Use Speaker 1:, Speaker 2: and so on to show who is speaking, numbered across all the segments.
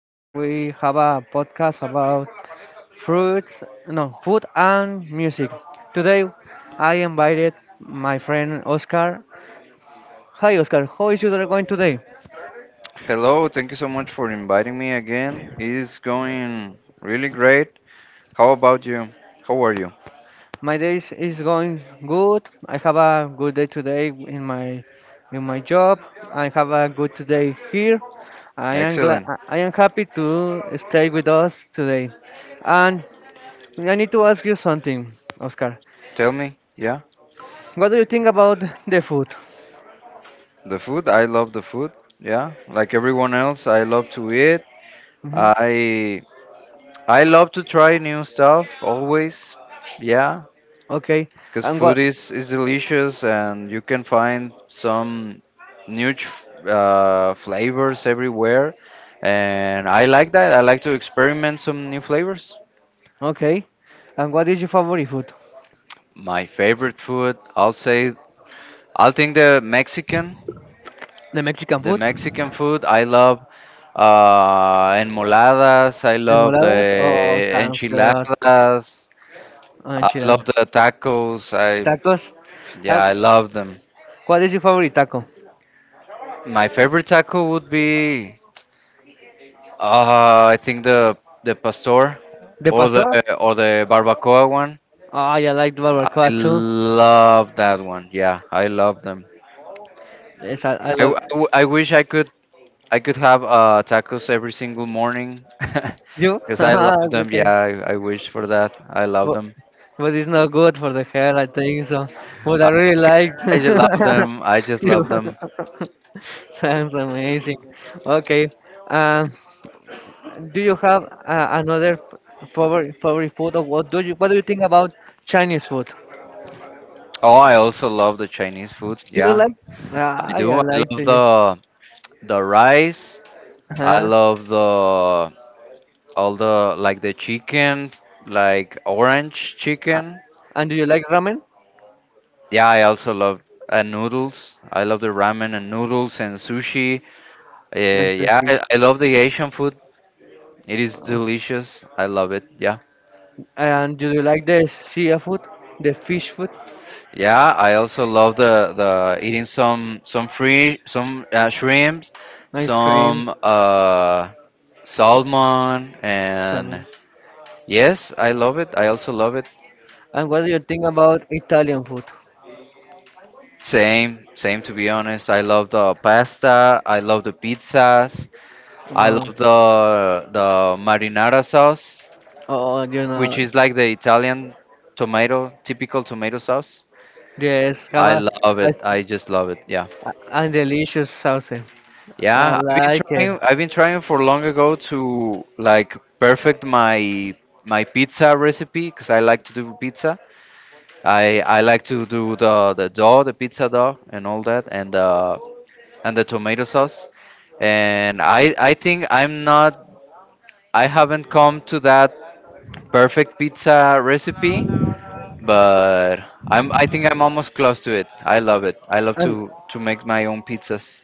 Speaker 1: and we have a podcast about fruits, no, food and music. Today, I invited my friend Oscar. Hi Oscar, how is your day going today?
Speaker 2: Hello, thank you so much for inviting me again. It is going really great. How about you? How are you?
Speaker 1: My day is going good. I have a good day today in my job. I have a good day here. I am glad.
Speaker 2: Excellent.
Speaker 1: I am happy to stay with us today. And I need to ask you something, Oscar.
Speaker 2: Tell me, yeah,
Speaker 1: What do you think about the food?
Speaker 2: the food. I love the food. Yeah, like everyone else, I love to eat.
Speaker 1: Hmm.
Speaker 2: I I love to try new stuff always. Yeah,
Speaker 1: Okay.
Speaker 2: because
Speaker 1: And
Speaker 2: food
Speaker 1: what?
Speaker 2: is delicious and you can find some new flavors everywhere. And I like that. I like to experiment some new flavors.
Speaker 1: Okay. And what is your favorite food?
Speaker 2: My favorite food, I'll say, I'll think
Speaker 1: The Mexican
Speaker 2: the
Speaker 1: food?
Speaker 2: Mexican food. I love enmoladas. I love the
Speaker 1: Enmoladas or sounds good.
Speaker 2: enchiladas. I love
Speaker 1: Enchiladas.
Speaker 2: the tacos. I
Speaker 1: Tacos.
Speaker 2: Yeah,
Speaker 1: And
Speaker 2: I love them.
Speaker 1: what is your favorite taco?
Speaker 2: My favorite taco would be, I think the pastor
Speaker 1: The
Speaker 2: or the
Speaker 1: pastor?
Speaker 2: or the barbacoa one.
Speaker 1: Oh, yeah, I like
Speaker 2: I
Speaker 1: barbacoa too.
Speaker 2: love that one. Yeah, I love them.
Speaker 1: Yes, I
Speaker 2: I, w-
Speaker 1: love
Speaker 2: I w- I wish I could have tacos every single morning
Speaker 1: you.
Speaker 2: because I love them.
Speaker 1: Okay.
Speaker 2: Yeah, I wish for that. I love
Speaker 1: But,
Speaker 2: them.
Speaker 1: but it's not good for the hair, I think so. But I
Speaker 2: I,
Speaker 1: really like.
Speaker 2: I just love them. I just
Speaker 1: You.
Speaker 2: love them.
Speaker 1: Sounds amazing. Okay. Um, Do you have another favorite food, or what do you think about Chinese food?
Speaker 2: Oh, I also love the Chinese food.
Speaker 1: Do you
Speaker 2: Yeah,
Speaker 1: like?
Speaker 2: I
Speaker 1: Ah, yeah,
Speaker 2: do.
Speaker 1: I
Speaker 2: I
Speaker 1: like to.
Speaker 2: love
Speaker 1: Yeah.
Speaker 2: the rice. I
Speaker 1: Uh-huh.
Speaker 2: love the chicken, like orange
Speaker 1: Uh,
Speaker 2: chicken.
Speaker 1: And do you like ramen?
Speaker 2: Yeah, I also love and noodles. I love the ramen and noodles and sushi.
Speaker 1: Yes.
Speaker 2: Yeah, I love the Asian food. It is
Speaker 1: Uh,
Speaker 2: delicious. I love it. Yeah.
Speaker 1: And do you like the sea food, the fish food,
Speaker 2: Yeah, I also love the eating some shrimps,
Speaker 1: ice creams,
Speaker 2: some salmon and
Speaker 1: salmon?
Speaker 2: yes, I love it. I also love it.
Speaker 1: And what do you think about Italian food?
Speaker 2: Same, same to be honest. I love the pasta, I love the pizzas, I
Speaker 1: Uh,
Speaker 2: love the marinara sauce,
Speaker 1: oh,
Speaker 2: which is like the Italian tomato, typical tomato sauce.
Speaker 1: yes, have
Speaker 2: I
Speaker 1: a
Speaker 2: love it.
Speaker 1: nice
Speaker 2: I just love it. Yeah.
Speaker 1: and delicious sauce. I
Speaker 2: Yeah, I've been
Speaker 1: like it.
Speaker 2: trying. I've been trying for long ago to like perfect my pizza recipe because I like to do pizza. I like to do the dough, the pizza dough, and all that, and the tomato sauce. And I think I'm not. I haven't come to that perfect pizza recipe, but I think I'm almost close to it. I love it. I love
Speaker 1: And
Speaker 2: to make my own pizzas.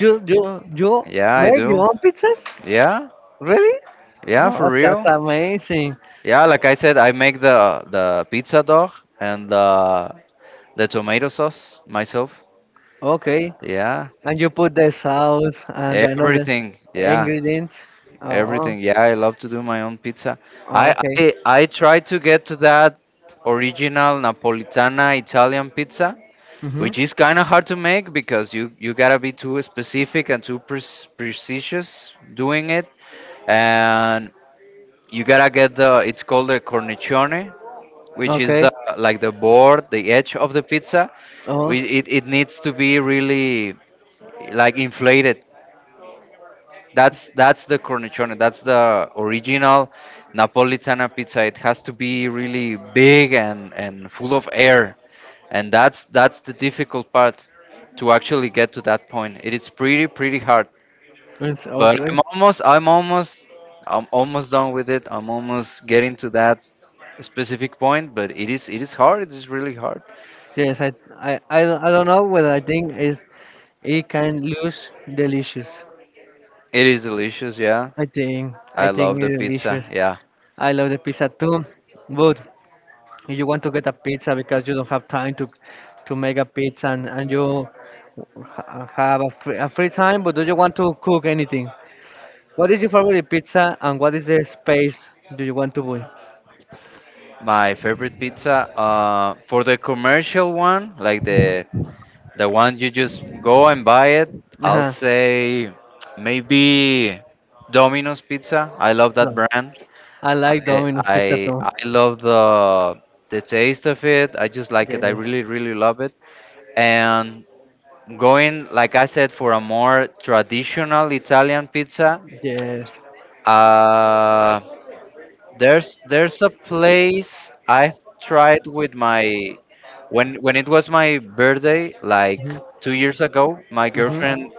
Speaker 1: You you you
Speaker 2: Yeah, I
Speaker 1: make your
Speaker 2: do.
Speaker 1: own pizzas?
Speaker 2: Yeah,
Speaker 1: Really?
Speaker 2: yeah,
Speaker 1: Oh,
Speaker 2: for
Speaker 1: that's
Speaker 2: real.
Speaker 1: amazing.
Speaker 2: Yeah, like I said, I make the pizza dough and the tomato sauce myself.
Speaker 1: Okay,
Speaker 2: Yeah,
Speaker 1: and you put the sauce and another
Speaker 2: everything. Yeah,
Speaker 1: ingredients. Oh,
Speaker 2: everything. Yeah, I love to do my own pizza.
Speaker 1: oh,
Speaker 2: I
Speaker 1: okay.
Speaker 2: I, I try to get to that original Napolitana Italian pizza,
Speaker 1: Mhm.
Speaker 2: which is kind of hard to make because you gotta be too specific and too precise doing it, and you gotta get the it's called the cornicione, which is
Speaker 1: Okay.
Speaker 2: the like the board, the edge of the pizza.
Speaker 1: Oh,
Speaker 2: It needs to be really like inflated. That's the cornicione. That's the original Napolitana pizza. It has to be really big and full of air. And that's the difficult part to actually get to that point. It is pretty pretty hard.
Speaker 1: it's
Speaker 2: But
Speaker 1: okay.
Speaker 2: I'm almost done with it. I'm almost getting to that specific point, but it is hard. It is really hard.
Speaker 1: Yes, I don't know whether I think is it can lose delicious.
Speaker 2: It is delicious, yeah.
Speaker 1: I think I
Speaker 2: I
Speaker 1: think
Speaker 2: love the
Speaker 1: it's
Speaker 2: pizza,
Speaker 1: delicious.
Speaker 2: yeah.
Speaker 1: I love the pizza too, but if you want to get a pizza because you don't have time to make a pizza and, and you have a free time, but do you want to cook anything? What is your favorite pizza and what is the space do you want to buy?
Speaker 2: My favorite pizza, for the commercial one, like the one you just go and buy it, I'll
Speaker 1: Uh-huh.
Speaker 2: say maybe Domino's Pizza. I love
Speaker 1: No.
Speaker 2: that brand.
Speaker 1: I like
Speaker 2: I
Speaker 1: Domino's
Speaker 2: I,
Speaker 1: pizza too.
Speaker 2: I love the taste of it. I just like it. I
Speaker 1: Yes.
Speaker 2: really really love it. And going, like I said, for a more traditional Italian pizza,
Speaker 1: Yes.
Speaker 2: uh, there's a place I've tried with my when it was my birthday like
Speaker 1: Mhm.
Speaker 2: 2 years ago. My
Speaker 1: Mhm.
Speaker 2: girlfriend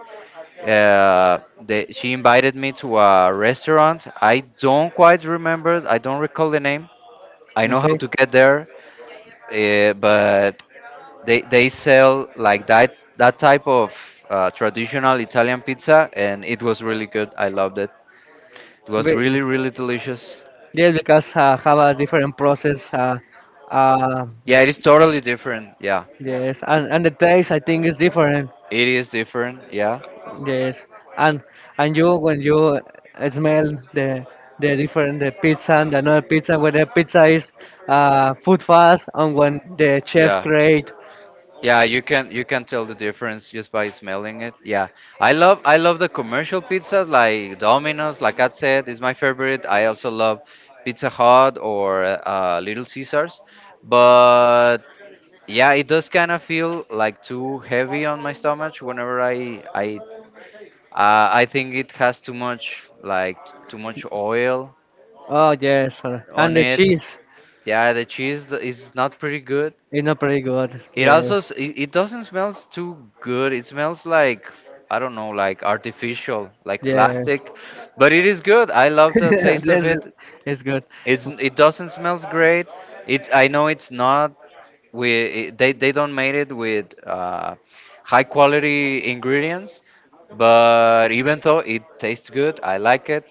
Speaker 2: uh, she invited me to a restaurant. I don't quite remember. I don't recall the name. I know how
Speaker 1: Okay.
Speaker 2: to get there, but they sell like that type of traditional Italian pizza, and it was really good. I loved it. It was
Speaker 1: But
Speaker 2: really really delicious.
Speaker 1: yes, because have a different process. Uh,
Speaker 2: Yeah, it is totally different. Yeah.
Speaker 1: yes, and the taste I think is different.
Speaker 2: It is different, yeah.
Speaker 1: Yes, and and you when you smell the the different the pizza and another pizza when the pizza is food fast and when the chef
Speaker 2: Yeah.
Speaker 1: create.
Speaker 2: Yeah, you can tell the difference just by smelling it. Yeah. I love the commercial pizzas like Domino's, like I said, is my favorite. I also love Pizza Hut or Little Caesars. But yeah, it does kind of feel like too heavy on my stomach whenever I think it has too much, like too much oil
Speaker 1: Oh yes, and
Speaker 2: on
Speaker 1: the
Speaker 2: it.
Speaker 1: cheese
Speaker 2: Yeah, the cheese is not pretty good.
Speaker 1: is not pretty good.
Speaker 2: It
Speaker 1: Yes,
Speaker 2: also it doesn't smell too good. It smells like I don't know, like artificial, like
Speaker 1: yes,
Speaker 2: plastic. But it is good. I love the taste of
Speaker 1: this
Speaker 2: it.
Speaker 1: is it's good.
Speaker 2: It doesn't smells great. It I know it's not we they don't made it with high quality ingredients, but even though it tastes good, I like it.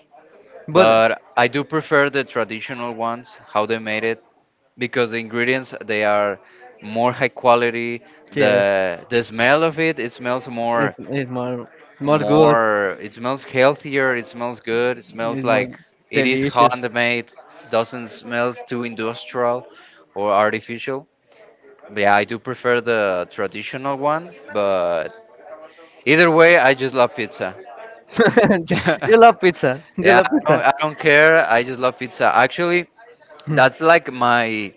Speaker 1: But
Speaker 2: But I do prefer the traditional ones, how they made it, because the ingredients they are more high quality.
Speaker 1: yes,
Speaker 2: The smell of it, it smells
Speaker 1: it's
Speaker 2: more
Speaker 1: it's more good.
Speaker 2: more it smells healthier, it smells good, it smells
Speaker 1: It was
Speaker 2: like it is
Speaker 1: delicious.
Speaker 2: handmade, doesn't smell too industrial or artificial. Yeah, I do prefer the traditional one, but either way, I just love pizza.
Speaker 1: you you love pizza. You
Speaker 2: yeah,
Speaker 1: love
Speaker 2: I don't,
Speaker 1: pizza.
Speaker 2: I don't care. I just love pizza. Actually,
Speaker 1: Hmm.
Speaker 2: that's like my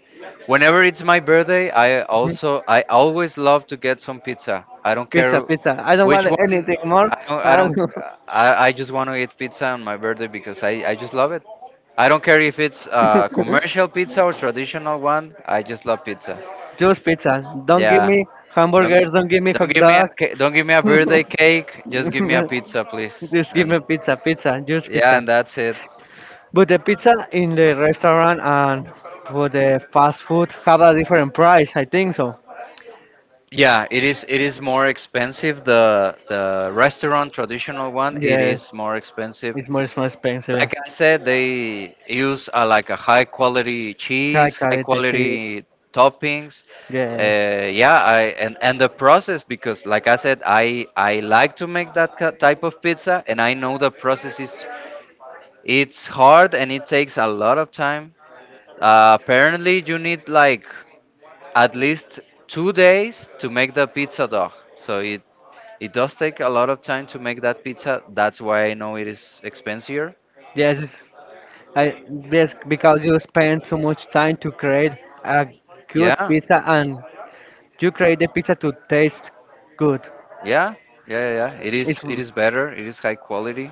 Speaker 2: whenever it's my birthday i
Speaker 1: Hmm.
Speaker 2: also i always love to get some pizza. I don't
Speaker 1: Pizza,
Speaker 2: care
Speaker 1: pizza. I don't want
Speaker 2: which one.
Speaker 1: anything more.
Speaker 2: I don't I
Speaker 1: I
Speaker 2: don't
Speaker 1: don't-
Speaker 2: I just want to eat pizza on my birthday because I just love it. I don't care if it's commercial pizza or traditional one. I just love pizza.
Speaker 1: Just pizza. Don't give
Speaker 2: Yeah.
Speaker 1: me
Speaker 2: don't
Speaker 1: hamburgers. Don't give me hot
Speaker 2: don't give me a
Speaker 1: dogs.
Speaker 2: ca- Don't give me a birthday cake. Just give me a pizza, please.
Speaker 1: Just give me
Speaker 2: And,
Speaker 1: pizza, pizza, just pizza.
Speaker 2: yeah, and that's it.
Speaker 1: But the pizza in the restaurant and for the fast food have a different price. I think so.
Speaker 2: Yeah, it is. It is more expensive. The restaurant traditional one. It
Speaker 1: Yes,
Speaker 2: is more expensive.
Speaker 1: it's much more expensive.
Speaker 2: Like I said, they use like a high quality cheese, high
Speaker 1: Calculated cheese.
Speaker 2: quality toppings.
Speaker 1: Yes,
Speaker 2: Yeah, I and the process, because like I said, I like to make that type of pizza, and I know the process is it's hard and it takes a lot of time. Apparently, you need like at least 2 days to make the pizza dough. So it does take a lot of time to make that pizza. That's why I know it is expensive.
Speaker 1: yes, it's- I yes because you spend too much time to create a good
Speaker 2: Yeah,
Speaker 1: pizza and you create the pizza to taste good.
Speaker 2: yeah, yeah, yeah. Yeah. It
Speaker 1: It's
Speaker 2: is it is better. It is high quality,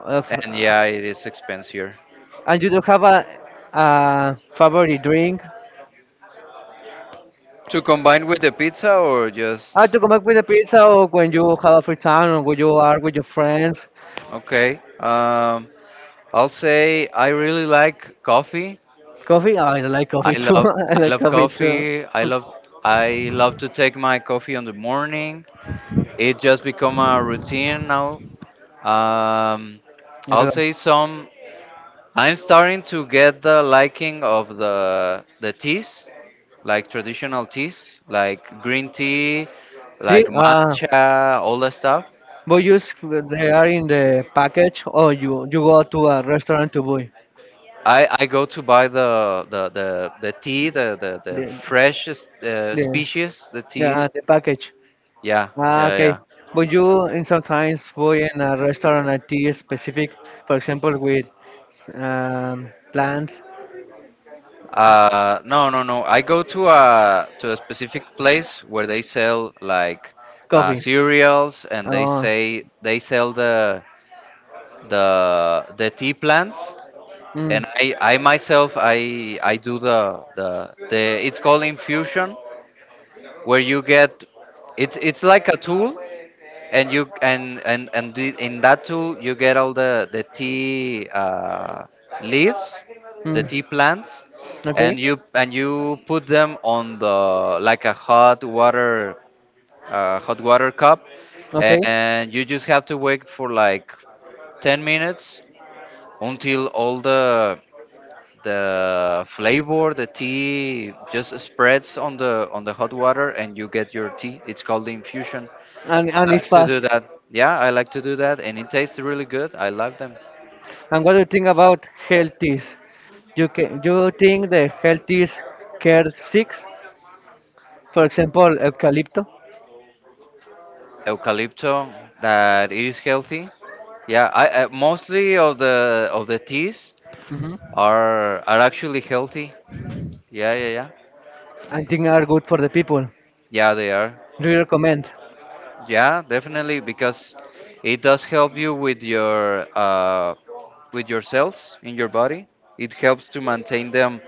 Speaker 1: of,
Speaker 2: and yeah, it is expensive.
Speaker 1: and you do have a favorite drink.
Speaker 2: To combine with the pizza or just
Speaker 1: I to come back with a pizza or when you have a free time or when you are with your friends.
Speaker 2: okay. I'll say I really like coffee.
Speaker 1: Coffee? Ah, I like
Speaker 2: I
Speaker 1: coffee too.
Speaker 2: love
Speaker 1: I
Speaker 2: I
Speaker 1: like
Speaker 2: love
Speaker 1: coffee too.
Speaker 2: coffee. I love to take my coffee on the morning. It just become a routine now. Um,
Speaker 1: I do
Speaker 2: I'll say
Speaker 1: like-
Speaker 2: some. I'm starting to get the liking of the teas, like traditional teas, like green tea,
Speaker 1: Tea?
Speaker 2: like matcha, all that stuff.
Speaker 1: But you they are in the package or you go to a restaurant to buy
Speaker 2: I go to buy the tea, the
Speaker 1: the,
Speaker 2: freshest
Speaker 1: the,
Speaker 2: species, the tea.
Speaker 1: yeah, the package.
Speaker 2: Yeah,
Speaker 1: Ah,
Speaker 2: yeah,
Speaker 1: okay.
Speaker 2: yeah.
Speaker 1: But you in sometimes go in a restaurant at tea specific, for example, with plants,
Speaker 2: No, no, no. I go to a specific place where they sell like
Speaker 1: coffee.
Speaker 2: cereals, and
Speaker 1: Oh,
Speaker 2: they sell the tea plants.
Speaker 1: mm.
Speaker 2: And I
Speaker 1: Mm.
Speaker 2: myself I do the it's called infusion, where you get it's like a tool, and you and the, in that tool you get all the tea leaves, the tea plants,
Speaker 1: Okay,
Speaker 2: and you put them on the like a hot water cup,
Speaker 1: okay.
Speaker 2: and you just have to wait for like 10 minutes until all the flavor, the tea, just spreads on the hot water and you get your tea. It's called the infusion.
Speaker 1: And
Speaker 2: I
Speaker 1: it's
Speaker 2: like to
Speaker 1: fast.
Speaker 2: do that. Yeah, I like to do that, and it tastes really good. I love them.
Speaker 1: And what do you think about health is? You can you think the health is care six, for example, eucalypto.
Speaker 2: Eucalypto, that it is healthy. Yeah, I mostly of the teas
Speaker 1: Hmm.
Speaker 2: are actually healthy. Yeah, yeah, yeah.
Speaker 1: I think are good for the people.
Speaker 2: Yeah, they are.
Speaker 1: Do you recommend
Speaker 2: Yeah, definitely because it does help you with your cells in your body. It helps to maintain them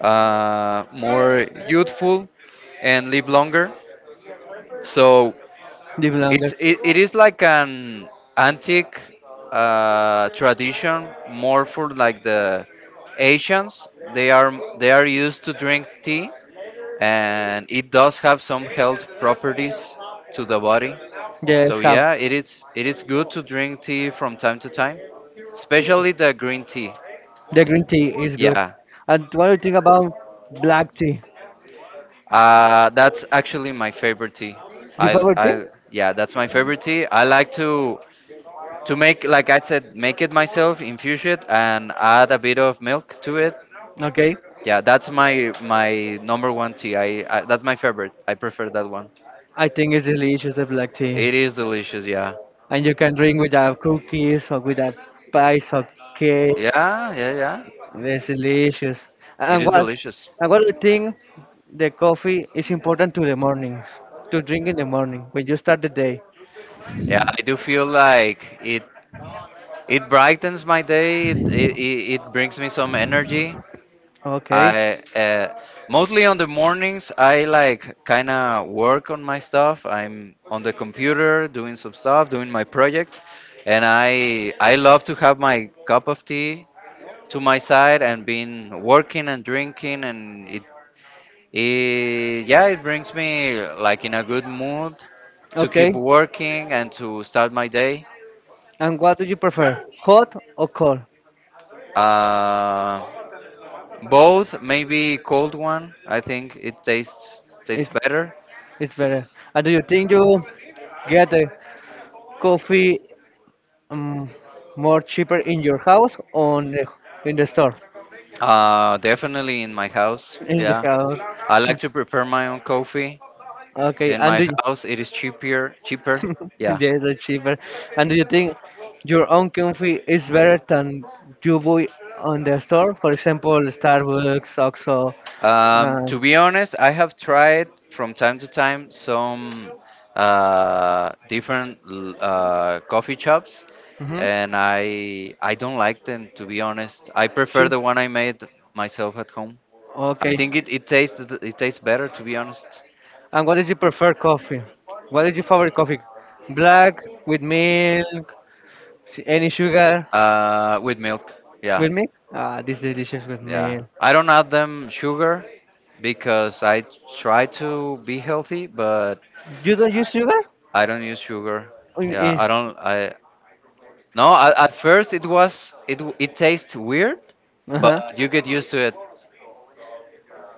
Speaker 2: more youthful and live longer. So
Speaker 1: live longer?
Speaker 2: it is like an antique tradition, more for like the Asians. They are they are used to drink tea, and it does have some health properties to the body.
Speaker 1: Yes,
Speaker 2: So
Speaker 1: have.
Speaker 2: yeah, it is good to drink tea from time to time, especially the green tea.
Speaker 1: The green tea is good.
Speaker 2: Yeah,
Speaker 1: And what do you think about black tea?
Speaker 2: that's actually my favorite tea.
Speaker 1: Your
Speaker 2: I
Speaker 1: favorite tea?
Speaker 2: I Yeah, that's my favorite tea. I like to make, like I said, make it myself, infuse it, and add a bit of milk to it.
Speaker 1: Okay.
Speaker 2: Yeah, that's my number one tea. I That's my favorite. I prefer that one.
Speaker 1: I think it's delicious, the black tea.
Speaker 2: It is delicious. Yeah,
Speaker 1: And you can drink with cookies or with a pies or cake.
Speaker 2: yeah, yeah, yeah.
Speaker 1: It's delicious.
Speaker 2: It
Speaker 1: And
Speaker 2: is
Speaker 1: what,
Speaker 2: delicious.
Speaker 1: and what do you think the coffee is important to the mornings? To drink in the morning when you start the day.
Speaker 2: Yeah, I do feel like it. It brightens my day. It brings me some energy.
Speaker 1: Okay.
Speaker 2: I mostly on the mornings I like kind of work on my stuff. I'm on the computer doing some stuff, doing my projects, and I love to have my cup of tea to my side and been working and drinking, and it, yeah, it brings me like in a good mood to
Speaker 1: Okay.
Speaker 2: keep working and to start my day.
Speaker 1: And what do you prefer? Hot or cold?
Speaker 2: Uh, Both, maybe cold one. I think it tastes
Speaker 1: It's
Speaker 2: better.
Speaker 1: it's better. Do you think you get the coffee, um, more cheaper in your house or in the store?
Speaker 2: Definitely in my house.
Speaker 1: In your
Speaker 2: Yeah,
Speaker 1: house.
Speaker 2: I like to prepare my own coffee
Speaker 1: Okay,
Speaker 2: in
Speaker 1: and
Speaker 2: my
Speaker 1: do you,
Speaker 2: house. It is cheaper, cheaper. Yeah.
Speaker 1: yeah, they cheaper. And do you think your own coffee is better than you buy on the store? For example, Starbucks, Oxxo.
Speaker 2: To be
Speaker 1: Uh,
Speaker 2: honest, I have tried from time to time some different coffee shops,
Speaker 1: mhm.
Speaker 2: and I don't like them, to be honest. I prefer
Speaker 1: Cheers.
Speaker 2: the one I made myself at home. I
Speaker 1: Okay.
Speaker 2: think it tastes better, to be honest.
Speaker 1: And what did you prefer coffee? What is your favorite coffee? Black with milk, any sugar
Speaker 2: With milk. Yeah.
Speaker 1: with milk? Ah, this is delicious with
Speaker 2: Yeah.
Speaker 1: milk.
Speaker 2: I don't add them sugar because I try to be healthy, but
Speaker 1: You don't use sugar?
Speaker 2: I don't use sugar. Yeah, I don't. I No. At first, it was it tastes weird,
Speaker 1: Uh
Speaker 2: but
Speaker 1: huh.
Speaker 2: you get used to it.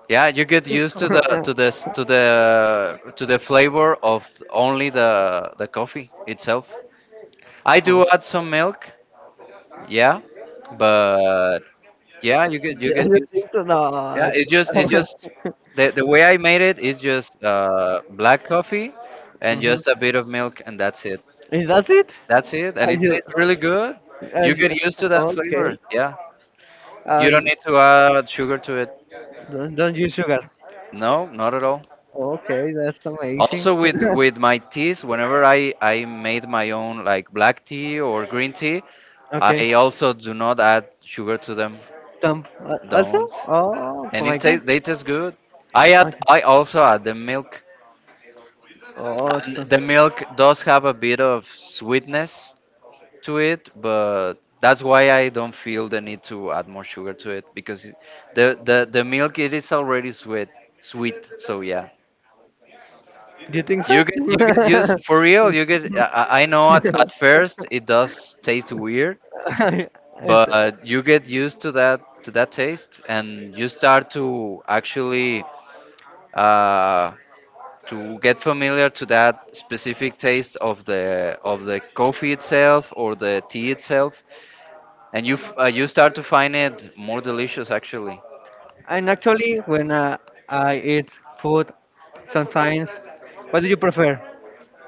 Speaker 2: Yeah, you get used to the s- to the flavor of only the coffee itself. I do add some milk. Yeah, but yeah,
Speaker 1: Yeah,
Speaker 2: you get
Speaker 1: you
Speaker 2: used.
Speaker 1: think so? No.
Speaker 2: Yeah,
Speaker 1: I
Speaker 2: it's just
Speaker 1: ca-
Speaker 2: the way I made it is just black coffee and
Speaker 1: Mhm.
Speaker 2: just a bit of milk, and that's it.
Speaker 1: Is that it?
Speaker 2: That's it, and
Speaker 1: Are
Speaker 2: it
Speaker 1: you,
Speaker 2: tastes really good.
Speaker 1: are
Speaker 2: You
Speaker 1: you,
Speaker 2: get used to that flavor.
Speaker 1: okay.
Speaker 2: Yeah, you don't need to add sugar to it.
Speaker 1: Don't use sugar.
Speaker 2: No, not at all.
Speaker 1: Okay, that's amazing.
Speaker 2: Also with my teas, whenever I made my own like black tea or green tea,
Speaker 1: Okay.
Speaker 2: I also do not add sugar to them.
Speaker 1: Tom, also?
Speaker 2: Don't.
Speaker 1: Oh, oh
Speaker 2: And
Speaker 1: my
Speaker 2: it
Speaker 1: God.
Speaker 2: tastes they taste good.
Speaker 1: Okay.
Speaker 2: I also add the milk.
Speaker 1: Oh,
Speaker 2: And
Speaker 1: so-
Speaker 2: the milk does have a bit of sweetness to it, but that's why I don't feel the need to add more sugar to it, because the milk, it is already sweet. So yeah,
Speaker 1: do you think so?
Speaker 2: you get used, for real. You get I know at, first it does taste weird, but you get used to that to that taste, and you start to actually uh, to get familiar to that specific taste of the coffee itself or the tea itself, and
Speaker 1: It's,
Speaker 2: you start to find it more delicious, actually.
Speaker 1: and actually, when I eat food, sometimes, what do you prefer?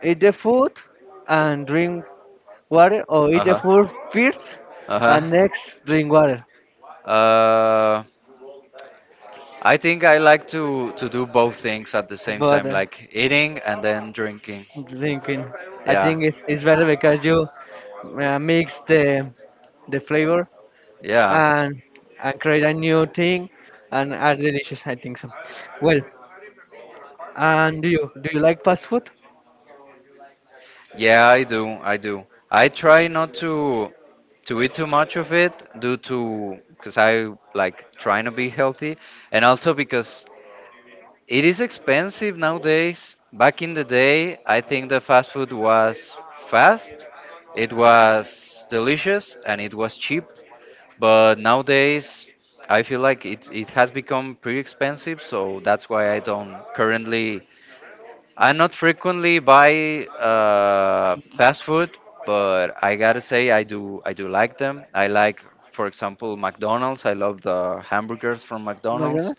Speaker 1: Eat the food and drink water, or eat
Speaker 2: Uh
Speaker 1: the
Speaker 2: huh.
Speaker 1: food first
Speaker 2: Uh huh.
Speaker 1: and next drink water?
Speaker 2: Uh. I think I like to do both things at the same
Speaker 1: But
Speaker 2: time, like eating and then drinking.
Speaker 1: drinking, I
Speaker 2: Yeah.
Speaker 1: think it's better because you mix the flavor and and create a new thing and are delicious. I
Speaker 2: Yeah.
Speaker 1: think so. Well, and do you like fast food?
Speaker 2: Yeah, I do. I do. I try not to eat too much of it due to because I like trying to be healthy, and also because it is expensive nowadays. Back in the day, I think the fast food was fast, it was delicious, and it was cheap. But nowadays, I feel like it has become pretty expensive, so that's why I don't currently I not frequently buy fast food, but I gotta say I do like them. I like, for example, McDonald's. I love the hamburgers from McDonald's.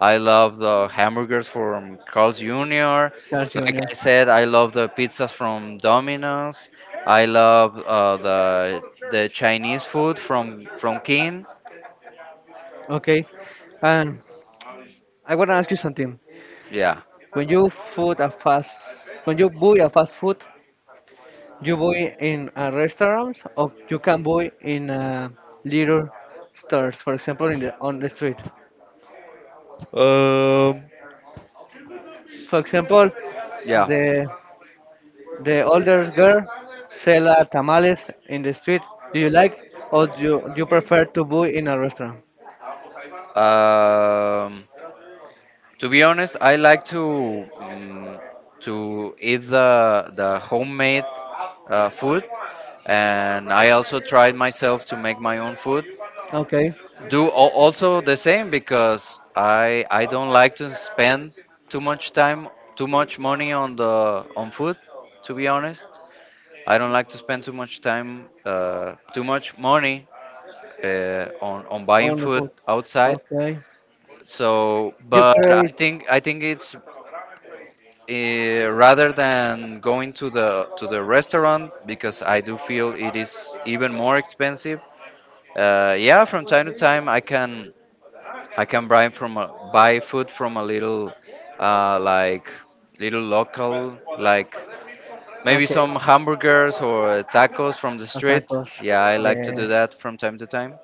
Speaker 2: I love the hamburgers from Carl's Jr.
Speaker 1: Yeah,
Speaker 2: Like
Speaker 1: Jr.
Speaker 2: I said, I love the pizzas from Domino's. I love the Chinese food from King.
Speaker 1: Okay. And I want to ask you something.
Speaker 2: Yeah.
Speaker 1: When you food a fast, when you buy a fast food, you buy in a restaurant or you can buy in little stores, for example, in the on the street.
Speaker 2: Um,
Speaker 1: For example,
Speaker 2: yeah.
Speaker 1: the the older girl sell tamales in the street. Do you like or do you prefer to buy in a restaurant?
Speaker 2: Um, to be honest, I like to to eat the homemade food, and I also tried myself to make my own food.
Speaker 1: Okay.
Speaker 2: Also the same, because I don't like to spend too much time, too much money on the on food. To be honest, I don't like to spend too much time, too much money on buying
Speaker 1: On the
Speaker 2: food
Speaker 1: food.
Speaker 2: outside.
Speaker 1: Okay.
Speaker 2: So,
Speaker 1: You
Speaker 2: but
Speaker 1: create.
Speaker 2: I think it's, rather than going to the restaurant, because I do feel it is even more expensive. Yeah, from time to time I can buy buy food from a little, uh, like little local, like maybe
Speaker 1: Okay.
Speaker 2: some hamburgers or tacos from the
Speaker 1: The
Speaker 2: street.
Speaker 1: tacos. Yeah.
Speaker 2: Yeah, I like to do
Speaker 1: Yes.
Speaker 2: that from time to time.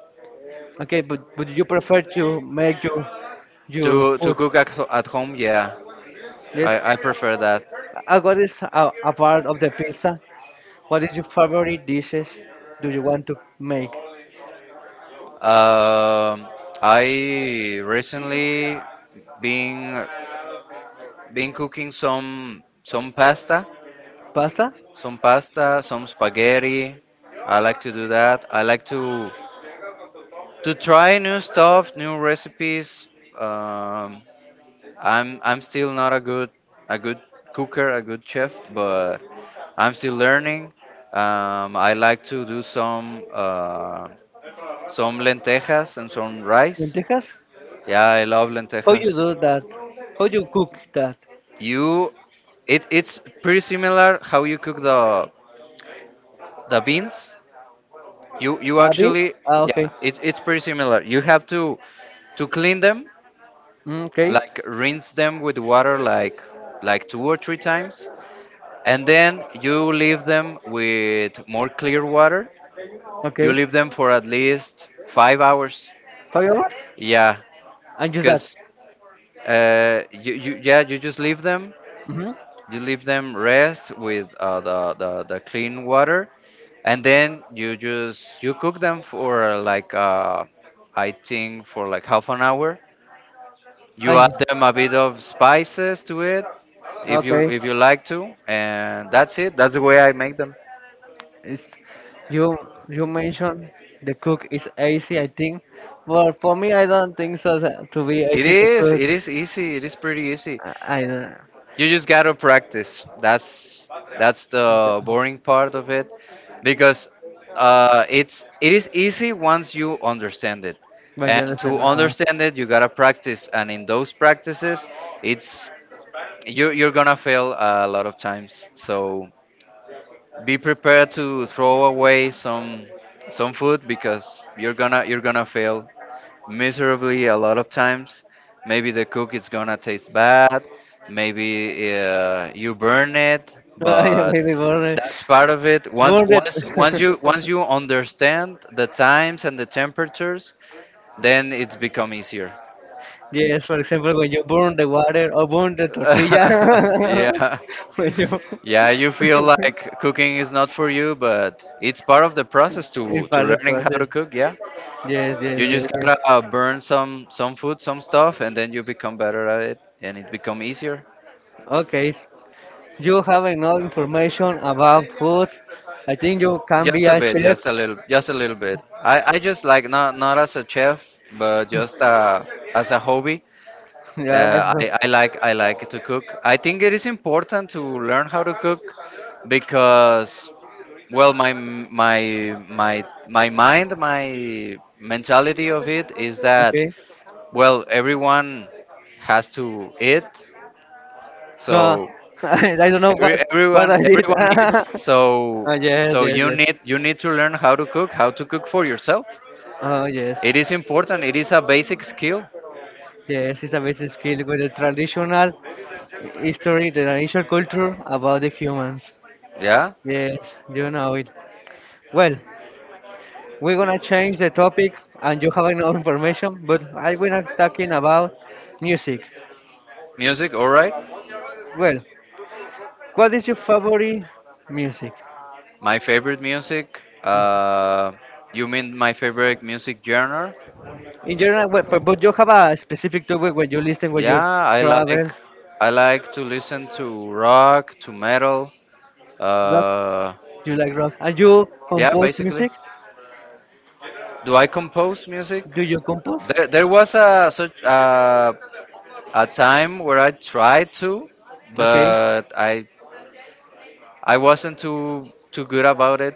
Speaker 1: Okay, but would you prefer to make your
Speaker 2: To
Speaker 1: food?
Speaker 2: cook at home, yeah,
Speaker 1: Yes.
Speaker 2: I prefer that.
Speaker 1: What is a part of the pizza? What is your favorite dishes? Do you want to make
Speaker 2: Um, I recently been been cooking some pasta,
Speaker 1: pasta?
Speaker 2: some pasta, some spaghetti. I like to do that. I like to try new stuff, new recipes. Um, I'm still not a good cooker, a good chef, but I'm still learning. I like to do some lentejas and some rice.
Speaker 1: Lentejas?
Speaker 2: Yeah, I love
Speaker 1: How
Speaker 2: lentejas.
Speaker 1: you do that? How you cook that?
Speaker 2: You, it's pretty similar how you cook the beans. You
Speaker 1: Beans?
Speaker 2: actually Yeah, it's pretty similar. You have to clean them,
Speaker 1: Mm, okay.
Speaker 2: like rinse them with water like two or three times, and then you leave them with more clear water. You
Speaker 1: Okay.
Speaker 2: leave them for at least
Speaker 1: five
Speaker 2: 5 hours.
Speaker 1: hours?
Speaker 2: Yeah,
Speaker 1: And just that.
Speaker 2: because you, yeah, you just leave them.
Speaker 1: Hmm,
Speaker 2: You leave them rest with the clean water, and then you cook them for like I think for like half an hour. You add them a bit of spices to it,
Speaker 1: okay.
Speaker 2: if you like to, and that's it. That's the way I make them.
Speaker 1: It's, you you mentioned the cook is easy. I think, well, for me, I don't think so that to be
Speaker 2: It
Speaker 1: easy to
Speaker 2: is.
Speaker 1: cook.
Speaker 2: It is easy. It is pretty easy.
Speaker 1: I don't.
Speaker 2: You just gotta practice. That's the boring part of it, because it is easy once you understand it,
Speaker 1: But
Speaker 2: and
Speaker 1: you
Speaker 2: to
Speaker 1: understand.
Speaker 2: understand it, you gotta practice. And in those practices, it's you're gonna fail a lot of times. So be prepared to throw away some food, because
Speaker 1: Uh,
Speaker 2: you're gonna fail miserably a lot of times. Maybe the cook is gonna taste bad. Maybe you burn it,
Speaker 1: Ah, yeah,
Speaker 2: but
Speaker 1: baby, burn it.
Speaker 2: that's part of it.
Speaker 1: Burn it.
Speaker 2: Once you understand the times and the temperatures, then it's become easier.
Speaker 1: Yes, for example, when you burn the water or burn the tortilla.
Speaker 2: Yeah.
Speaker 1: When you, yeah,
Speaker 2: Yeah, you feel like cooking is not for you, but it's part of the process
Speaker 1: it's
Speaker 2: to
Speaker 1: part of the process. It's part of the
Speaker 2: learning how to
Speaker 1: process.
Speaker 2: cook. Yeah,
Speaker 1: Yes, yes,
Speaker 2: you
Speaker 1: yes,
Speaker 2: just
Speaker 1: yes.
Speaker 2: gotta burn some food, some stuff, and then you become better at it, and it become easier.
Speaker 1: Okay, you have enough information about food. I think you can be
Speaker 2: Just a
Speaker 1: a
Speaker 2: bit,
Speaker 1: chef.
Speaker 2: just a little bit. I just like, not as a chef, but just as a hobby.
Speaker 1: Yeah, so-
Speaker 2: I like to cook. I think it is important to learn how to cook, because well my mentality of it is that,
Speaker 1: okay.
Speaker 2: well, everyone has to eat,
Speaker 1: No,
Speaker 2: so
Speaker 1: I don't know what I did.
Speaker 2: everyone eats, so
Speaker 1: Oh yes, yes,
Speaker 2: you
Speaker 1: yes.
Speaker 2: need to learn how to cook, for yourself.
Speaker 1: Oh yes,
Speaker 2: It is important. It is a basic skill.
Speaker 1: yes. It's a basic skill with the traditional history, the traditional culture about the humans.
Speaker 2: Yeah.
Speaker 1: Yes, you know it. Well, we're gonna change the topic, and you have enough information. But I will not talking about music.
Speaker 2: Music, all right.
Speaker 1: Well, what is your favorite music?
Speaker 2: My favorite music? You mean my favorite music genre?
Speaker 1: In general, but you have a specific topic when you listen, when you
Speaker 2: Yeah,
Speaker 1: travel.
Speaker 2: I like to listen to rock, to metal.
Speaker 1: Rock.
Speaker 2: Uh,
Speaker 1: You like rock. And you
Speaker 2: yeah,
Speaker 1: compose
Speaker 2: basically.
Speaker 1: music?
Speaker 2: Do I compose music?
Speaker 1: Do you compose?
Speaker 2: There was a time where I tried to,
Speaker 1: Okay.
Speaker 2: but I wasn't too good about it.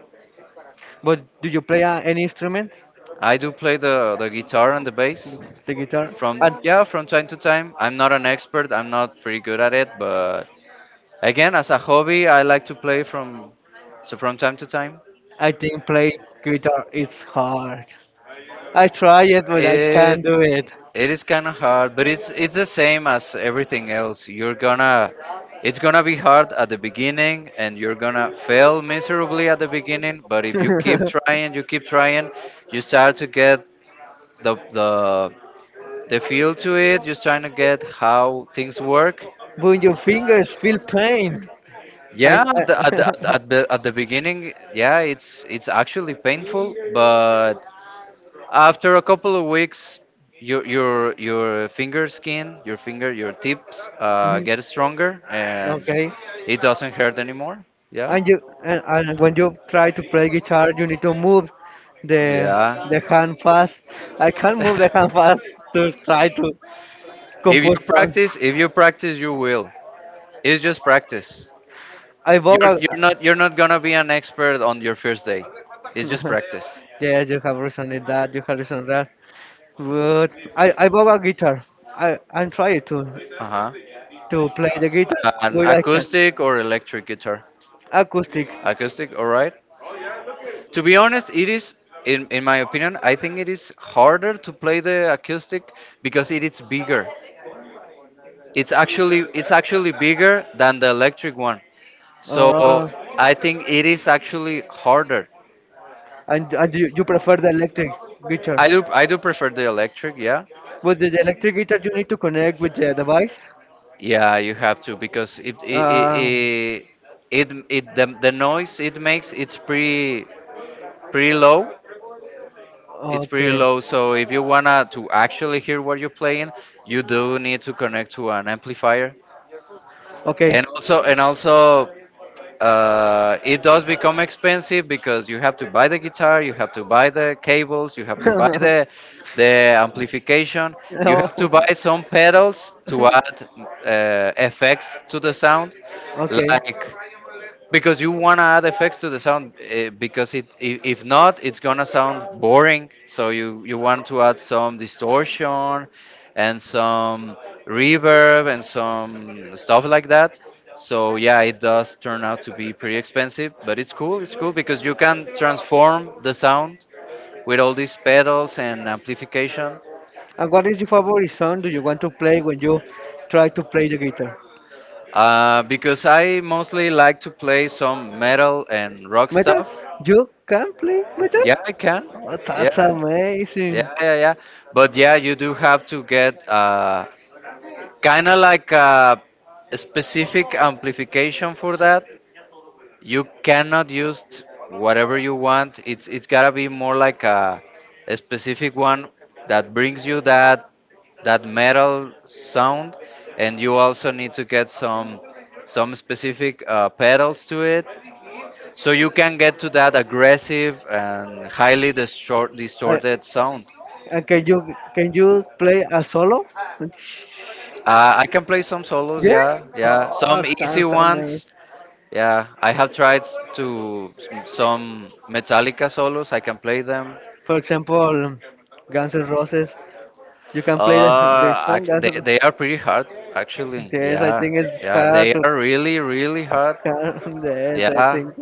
Speaker 1: But do you play any instrument?
Speaker 2: I do play the guitar and the bass.
Speaker 1: The guitar?
Speaker 2: From Yeah, from time to time. I'm not an expert. I'm not pretty good at it, but again,
Speaker 1: And
Speaker 2: as a hobby, I like to play from time to time.
Speaker 1: I think play guitar is hard. I try it, but I
Speaker 2: It
Speaker 1: can't do it.
Speaker 2: it is kind of hard, but it's the same as everything else. You're gonna It's gonna be hard at the beginning, and you're gonna fail miserably at the beginning, but if you keep trying, you keep trying, you start to get the the the feel to it. You're trying to get how things work.
Speaker 1: When your fingers feel pain. I,
Speaker 2: Yeah, at the, at the, at the, at the at the beginning, yeah, it's actually painful,
Speaker 1: I
Speaker 2: but after a couple of weeks, your finger skin, your finger, your tips
Speaker 1: Mhm.
Speaker 2: get stronger, and
Speaker 1: Okay.
Speaker 2: it doesn't hurt anymore. Yeah,
Speaker 1: And when you try to play guitar, you need to move the
Speaker 2: yeah.
Speaker 1: the hand fast. I can't move the hand fast to try to
Speaker 2: If you
Speaker 1: compose song.
Speaker 2: practice, if you practice, you will. It's just practice.
Speaker 1: I vocal.
Speaker 2: You're not gonna be an expert on your first day. It's just practice.
Speaker 1: Yes, you have reason in that. You have reason in that. But I vocal guitar. I'm trying to
Speaker 2: Uh-huh.
Speaker 1: to play the guitar,
Speaker 2: An
Speaker 1: but I can
Speaker 2: acoustic or electric guitar?
Speaker 1: acoustic.
Speaker 2: Acoustic, all right. To be honest, it is in my opinion, I think it is harder to play the acoustic because it is bigger. It's actually bigger than the electric one. So
Speaker 1: Uh,
Speaker 2: I think it is actually harder.
Speaker 1: and you prefer the electric guitar.
Speaker 2: I do prefer the electric, yeah.
Speaker 1: With the electric guitar, you need to connect with the device.
Speaker 2: Yeah, you have to, because it it it,
Speaker 1: Uh,
Speaker 2: it, it, it the, the noise it makes, it's pretty low. It's pretty
Speaker 1: okay.
Speaker 2: low, so if you wanna to actually hear what you're playing, you do need to connect to an amplifier,
Speaker 1: Okay.
Speaker 2: and also, it does become expensive, because you have to buy the guitar, you have to buy the cables, you have to buy the amplification, you have
Speaker 1: Oh,
Speaker 2: to buy some pedals to add effects to the sound,
Speaker 1: okay.
Speaker 2: like, because you want to add effects to the sound, because if not it's gonna sound boring, so you want to add some distortion and some reverb and some stuff like that. So yeah, it does turn out to be pretty expensive, but it's cool because you can transform the sound with all these pedals and amplification.
Speaker 1: And what is your favorite song do you want to play when you try to play the guitar?
Speaker 2: Because I mostly like to play some metal and rock
Speaker 1: Metal?
Speaker 2: stuff.
Speaker 1: You can play metal?
Speaker 2: Yeah, I can.
Speaker 1: Oh, yeah, that's
Speaker 2: Yeah. Yeah,
Speaker 1: amazing.
Speaker 2: yeah, yeah. But yeah, you do have to get kind of like a specific amplification for that. You cannot use whatever you want. It's gotta be more like a specific one that brings you that metal sound, and you also need to get some specific pedals to it, so you can get to that aggressive and highly
Speaker 1: Uh,
Speaker 2: distorted sound.
Speaker 1: and can you play a solo? uh
Speaker 2: I can play some solos,
Speaker 1: Yes.
Speaker 2: yeah, yeah.
Speaker 1: Oh,
Speaker 2: Some easy
Speaker 1: sounds amazing.
Speaker 2: ones, yeah. I have tried some Metallica solos. I can play them.
Speaker 1: For example, Guns N' Roses. You can play the song Guns
Speaker 2: They
Speaker 1: N'.
Speaker 2: they are pretty hard, actually.
Speaker 1: Yes, I
Speaker 2: Yeah,
Speaker 1: think it's
Speaker 2: yeah.
Speaker 1: hard
Speaker 2: They
Speaker 1: to.
Speaker 2: are really hard.
Speaker 1: Yes, I
Speaker 2: Yeah.
Speaker 1: think.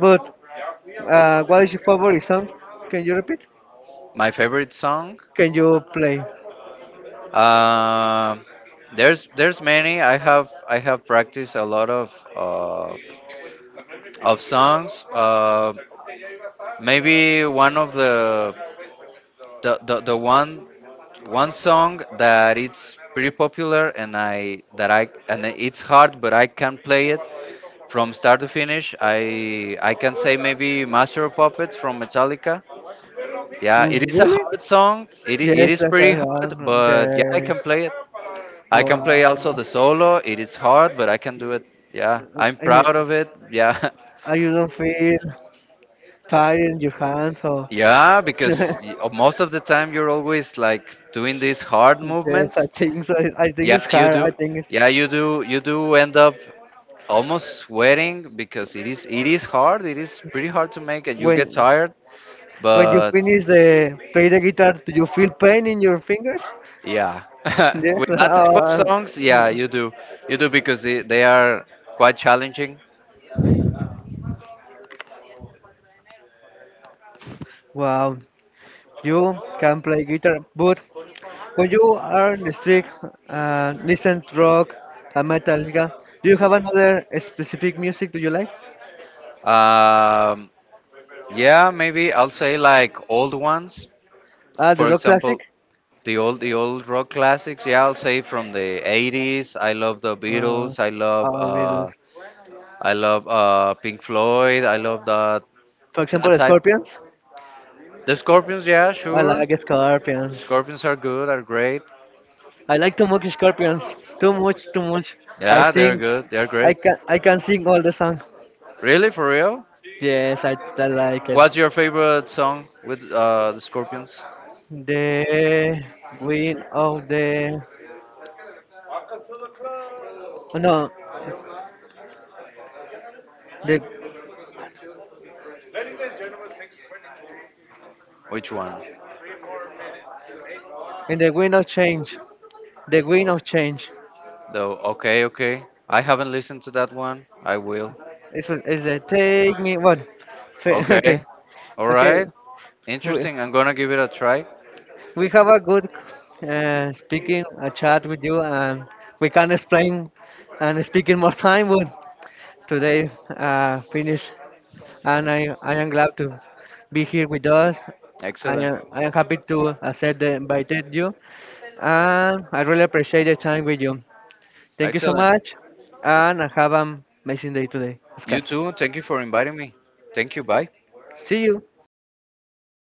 Speaker 1: But what is your favorite song? Can you repeat?
Speaker 2: My favorite song.
Speaker 1: Can you play?
Speaker 2: Um, there's many. I have practiced a lot of songs. Maybe one of the one song that it's pretty popular, and I that I and it's hard, but I can play it from start to finish. I can say maybe Master of Puppets, from Metallica. Yeah,
Speaker 1: Mm,
Speaker 2: it is a
Speaker 1: really?
Speaker 2: hard song. It
Speaker 1: Yes,
Speaker 2: is
Speaker 1: I
Speaker 2: pretty
Speaker 1: heard
Speaker 2: hard,
Speaker 1: one.
Speaker 2: but yeah, I
Speaker 1: Yes.
Speaker 2: can play it. I can
Speaker 1: Wow.
Speaker 2: play also the solo. It is hard, but I can do it. Yeah, I'm
Speaker 1: Eh,
Speaker 2: proud of it. Yeah.
Speaker 1: you don't feel tired in your hands or.
Speaker 2: Yeah, because most of the time you're always like doing these hard
Speaker 1: Yes,
Speaker 2: movements.
Speaker 1: I think so. I think
Speaker 2: Yeah,
Speaker 1: it's
Speaker 2: you
Speaker 1: hard. I
Speaker 2: do.
Speaker 1: think
Speaker 2: Yeah, you do. You do end up almost sweating, because it is. It is
Speaker 1: it's.
Speaker 2: hard. It is pretty hard to make, and you
Speaker 1: When
Speaker 2: get tired.
Speaker 1: when you
Speaker 2: But
Speaker 1: finish the play the guitar, do you feel pain in your fingers?
Speaker 2: yeah,
Speaker 1: Yes.
Speaker 2: with that type of songs, yeah,
Speaker 1: Mm.
Speaker 2: you do. You do, because they are quite challenging.
Speaker 1: Wow, you can play guitar, but when you are in the street and listen to rock and Metallica, do you have another specific music do you like?
Speaker 2: Um, yeah, maybe I'll say like old ones.
Speaker 1: Ah, the
Speaker 2: For
Speaker 1: rock classic.
Speaker 2: example, the old rock classics. Yeah, I'll say from the 80s. I love the
Speaker 1: Uh,
Speaker 2: Beatles.
Speaker 1: I will,
Speaker 2: I love Pink Floyd. I love
Speaker 1: for
Speaker 2: that
Speaker 1: example,
Speaker 2: type.
Speaker 1: Scorpions.
Speaker 2: The Scorpions, yeah,
Speaker 1: I
Speaker 2: sure.
Speaker 1: like Scorpions.
Speaker 2: Scorpions are good, are great.
Speaker 1: I like to mock scorpions. Too much, too much. I
Speaker 2: Yeah, they're
Speaker 1: sing.
Speaker 2: good. They're
Speaker 1: I
Speaker 2: great.
Speaker 1: can I can sing all the song.
Speaker 2: Really, for real?
Speaker 1: Yes, I like it.
Speaker 2: What's your favorite song with the Scorpions?
Speaker 1: The wind of the, oh no, the,
Speaker 2: Which one?
Speaker 1: in the wind of change. The wind of
Speaker 2: Okay.
Speaker 1: change.
Speaker 2: Though, okay, okay. I haven't listened to that one. I will.
Speaker 1: It's is the take me what? Fe- Okay,
Speaker 2: Okay. All
Speaker 1: okay.
Speaker 2: right.
Speaker 1: We,
Speaker 2: Interesting. I'm gonna give it a try.
Speaker 1: we have a good speaking a chat with you and we can explain and speak in more time, but today, finish, and I am glad to be here with us. I
Speaker 2: Excellent.
Speaker 1: am, I am happy to accept the invited you, and I really appreciate the time with you. Thank you so
Speaker 2: Excellent.
Speaker 1: much, and have an amazing day today,
Speaker 2: You
Speaker 1: Oscar.
Speaker 2: too. Thank you for inviting me. Thank you. Bye.
Speaker 1: See you.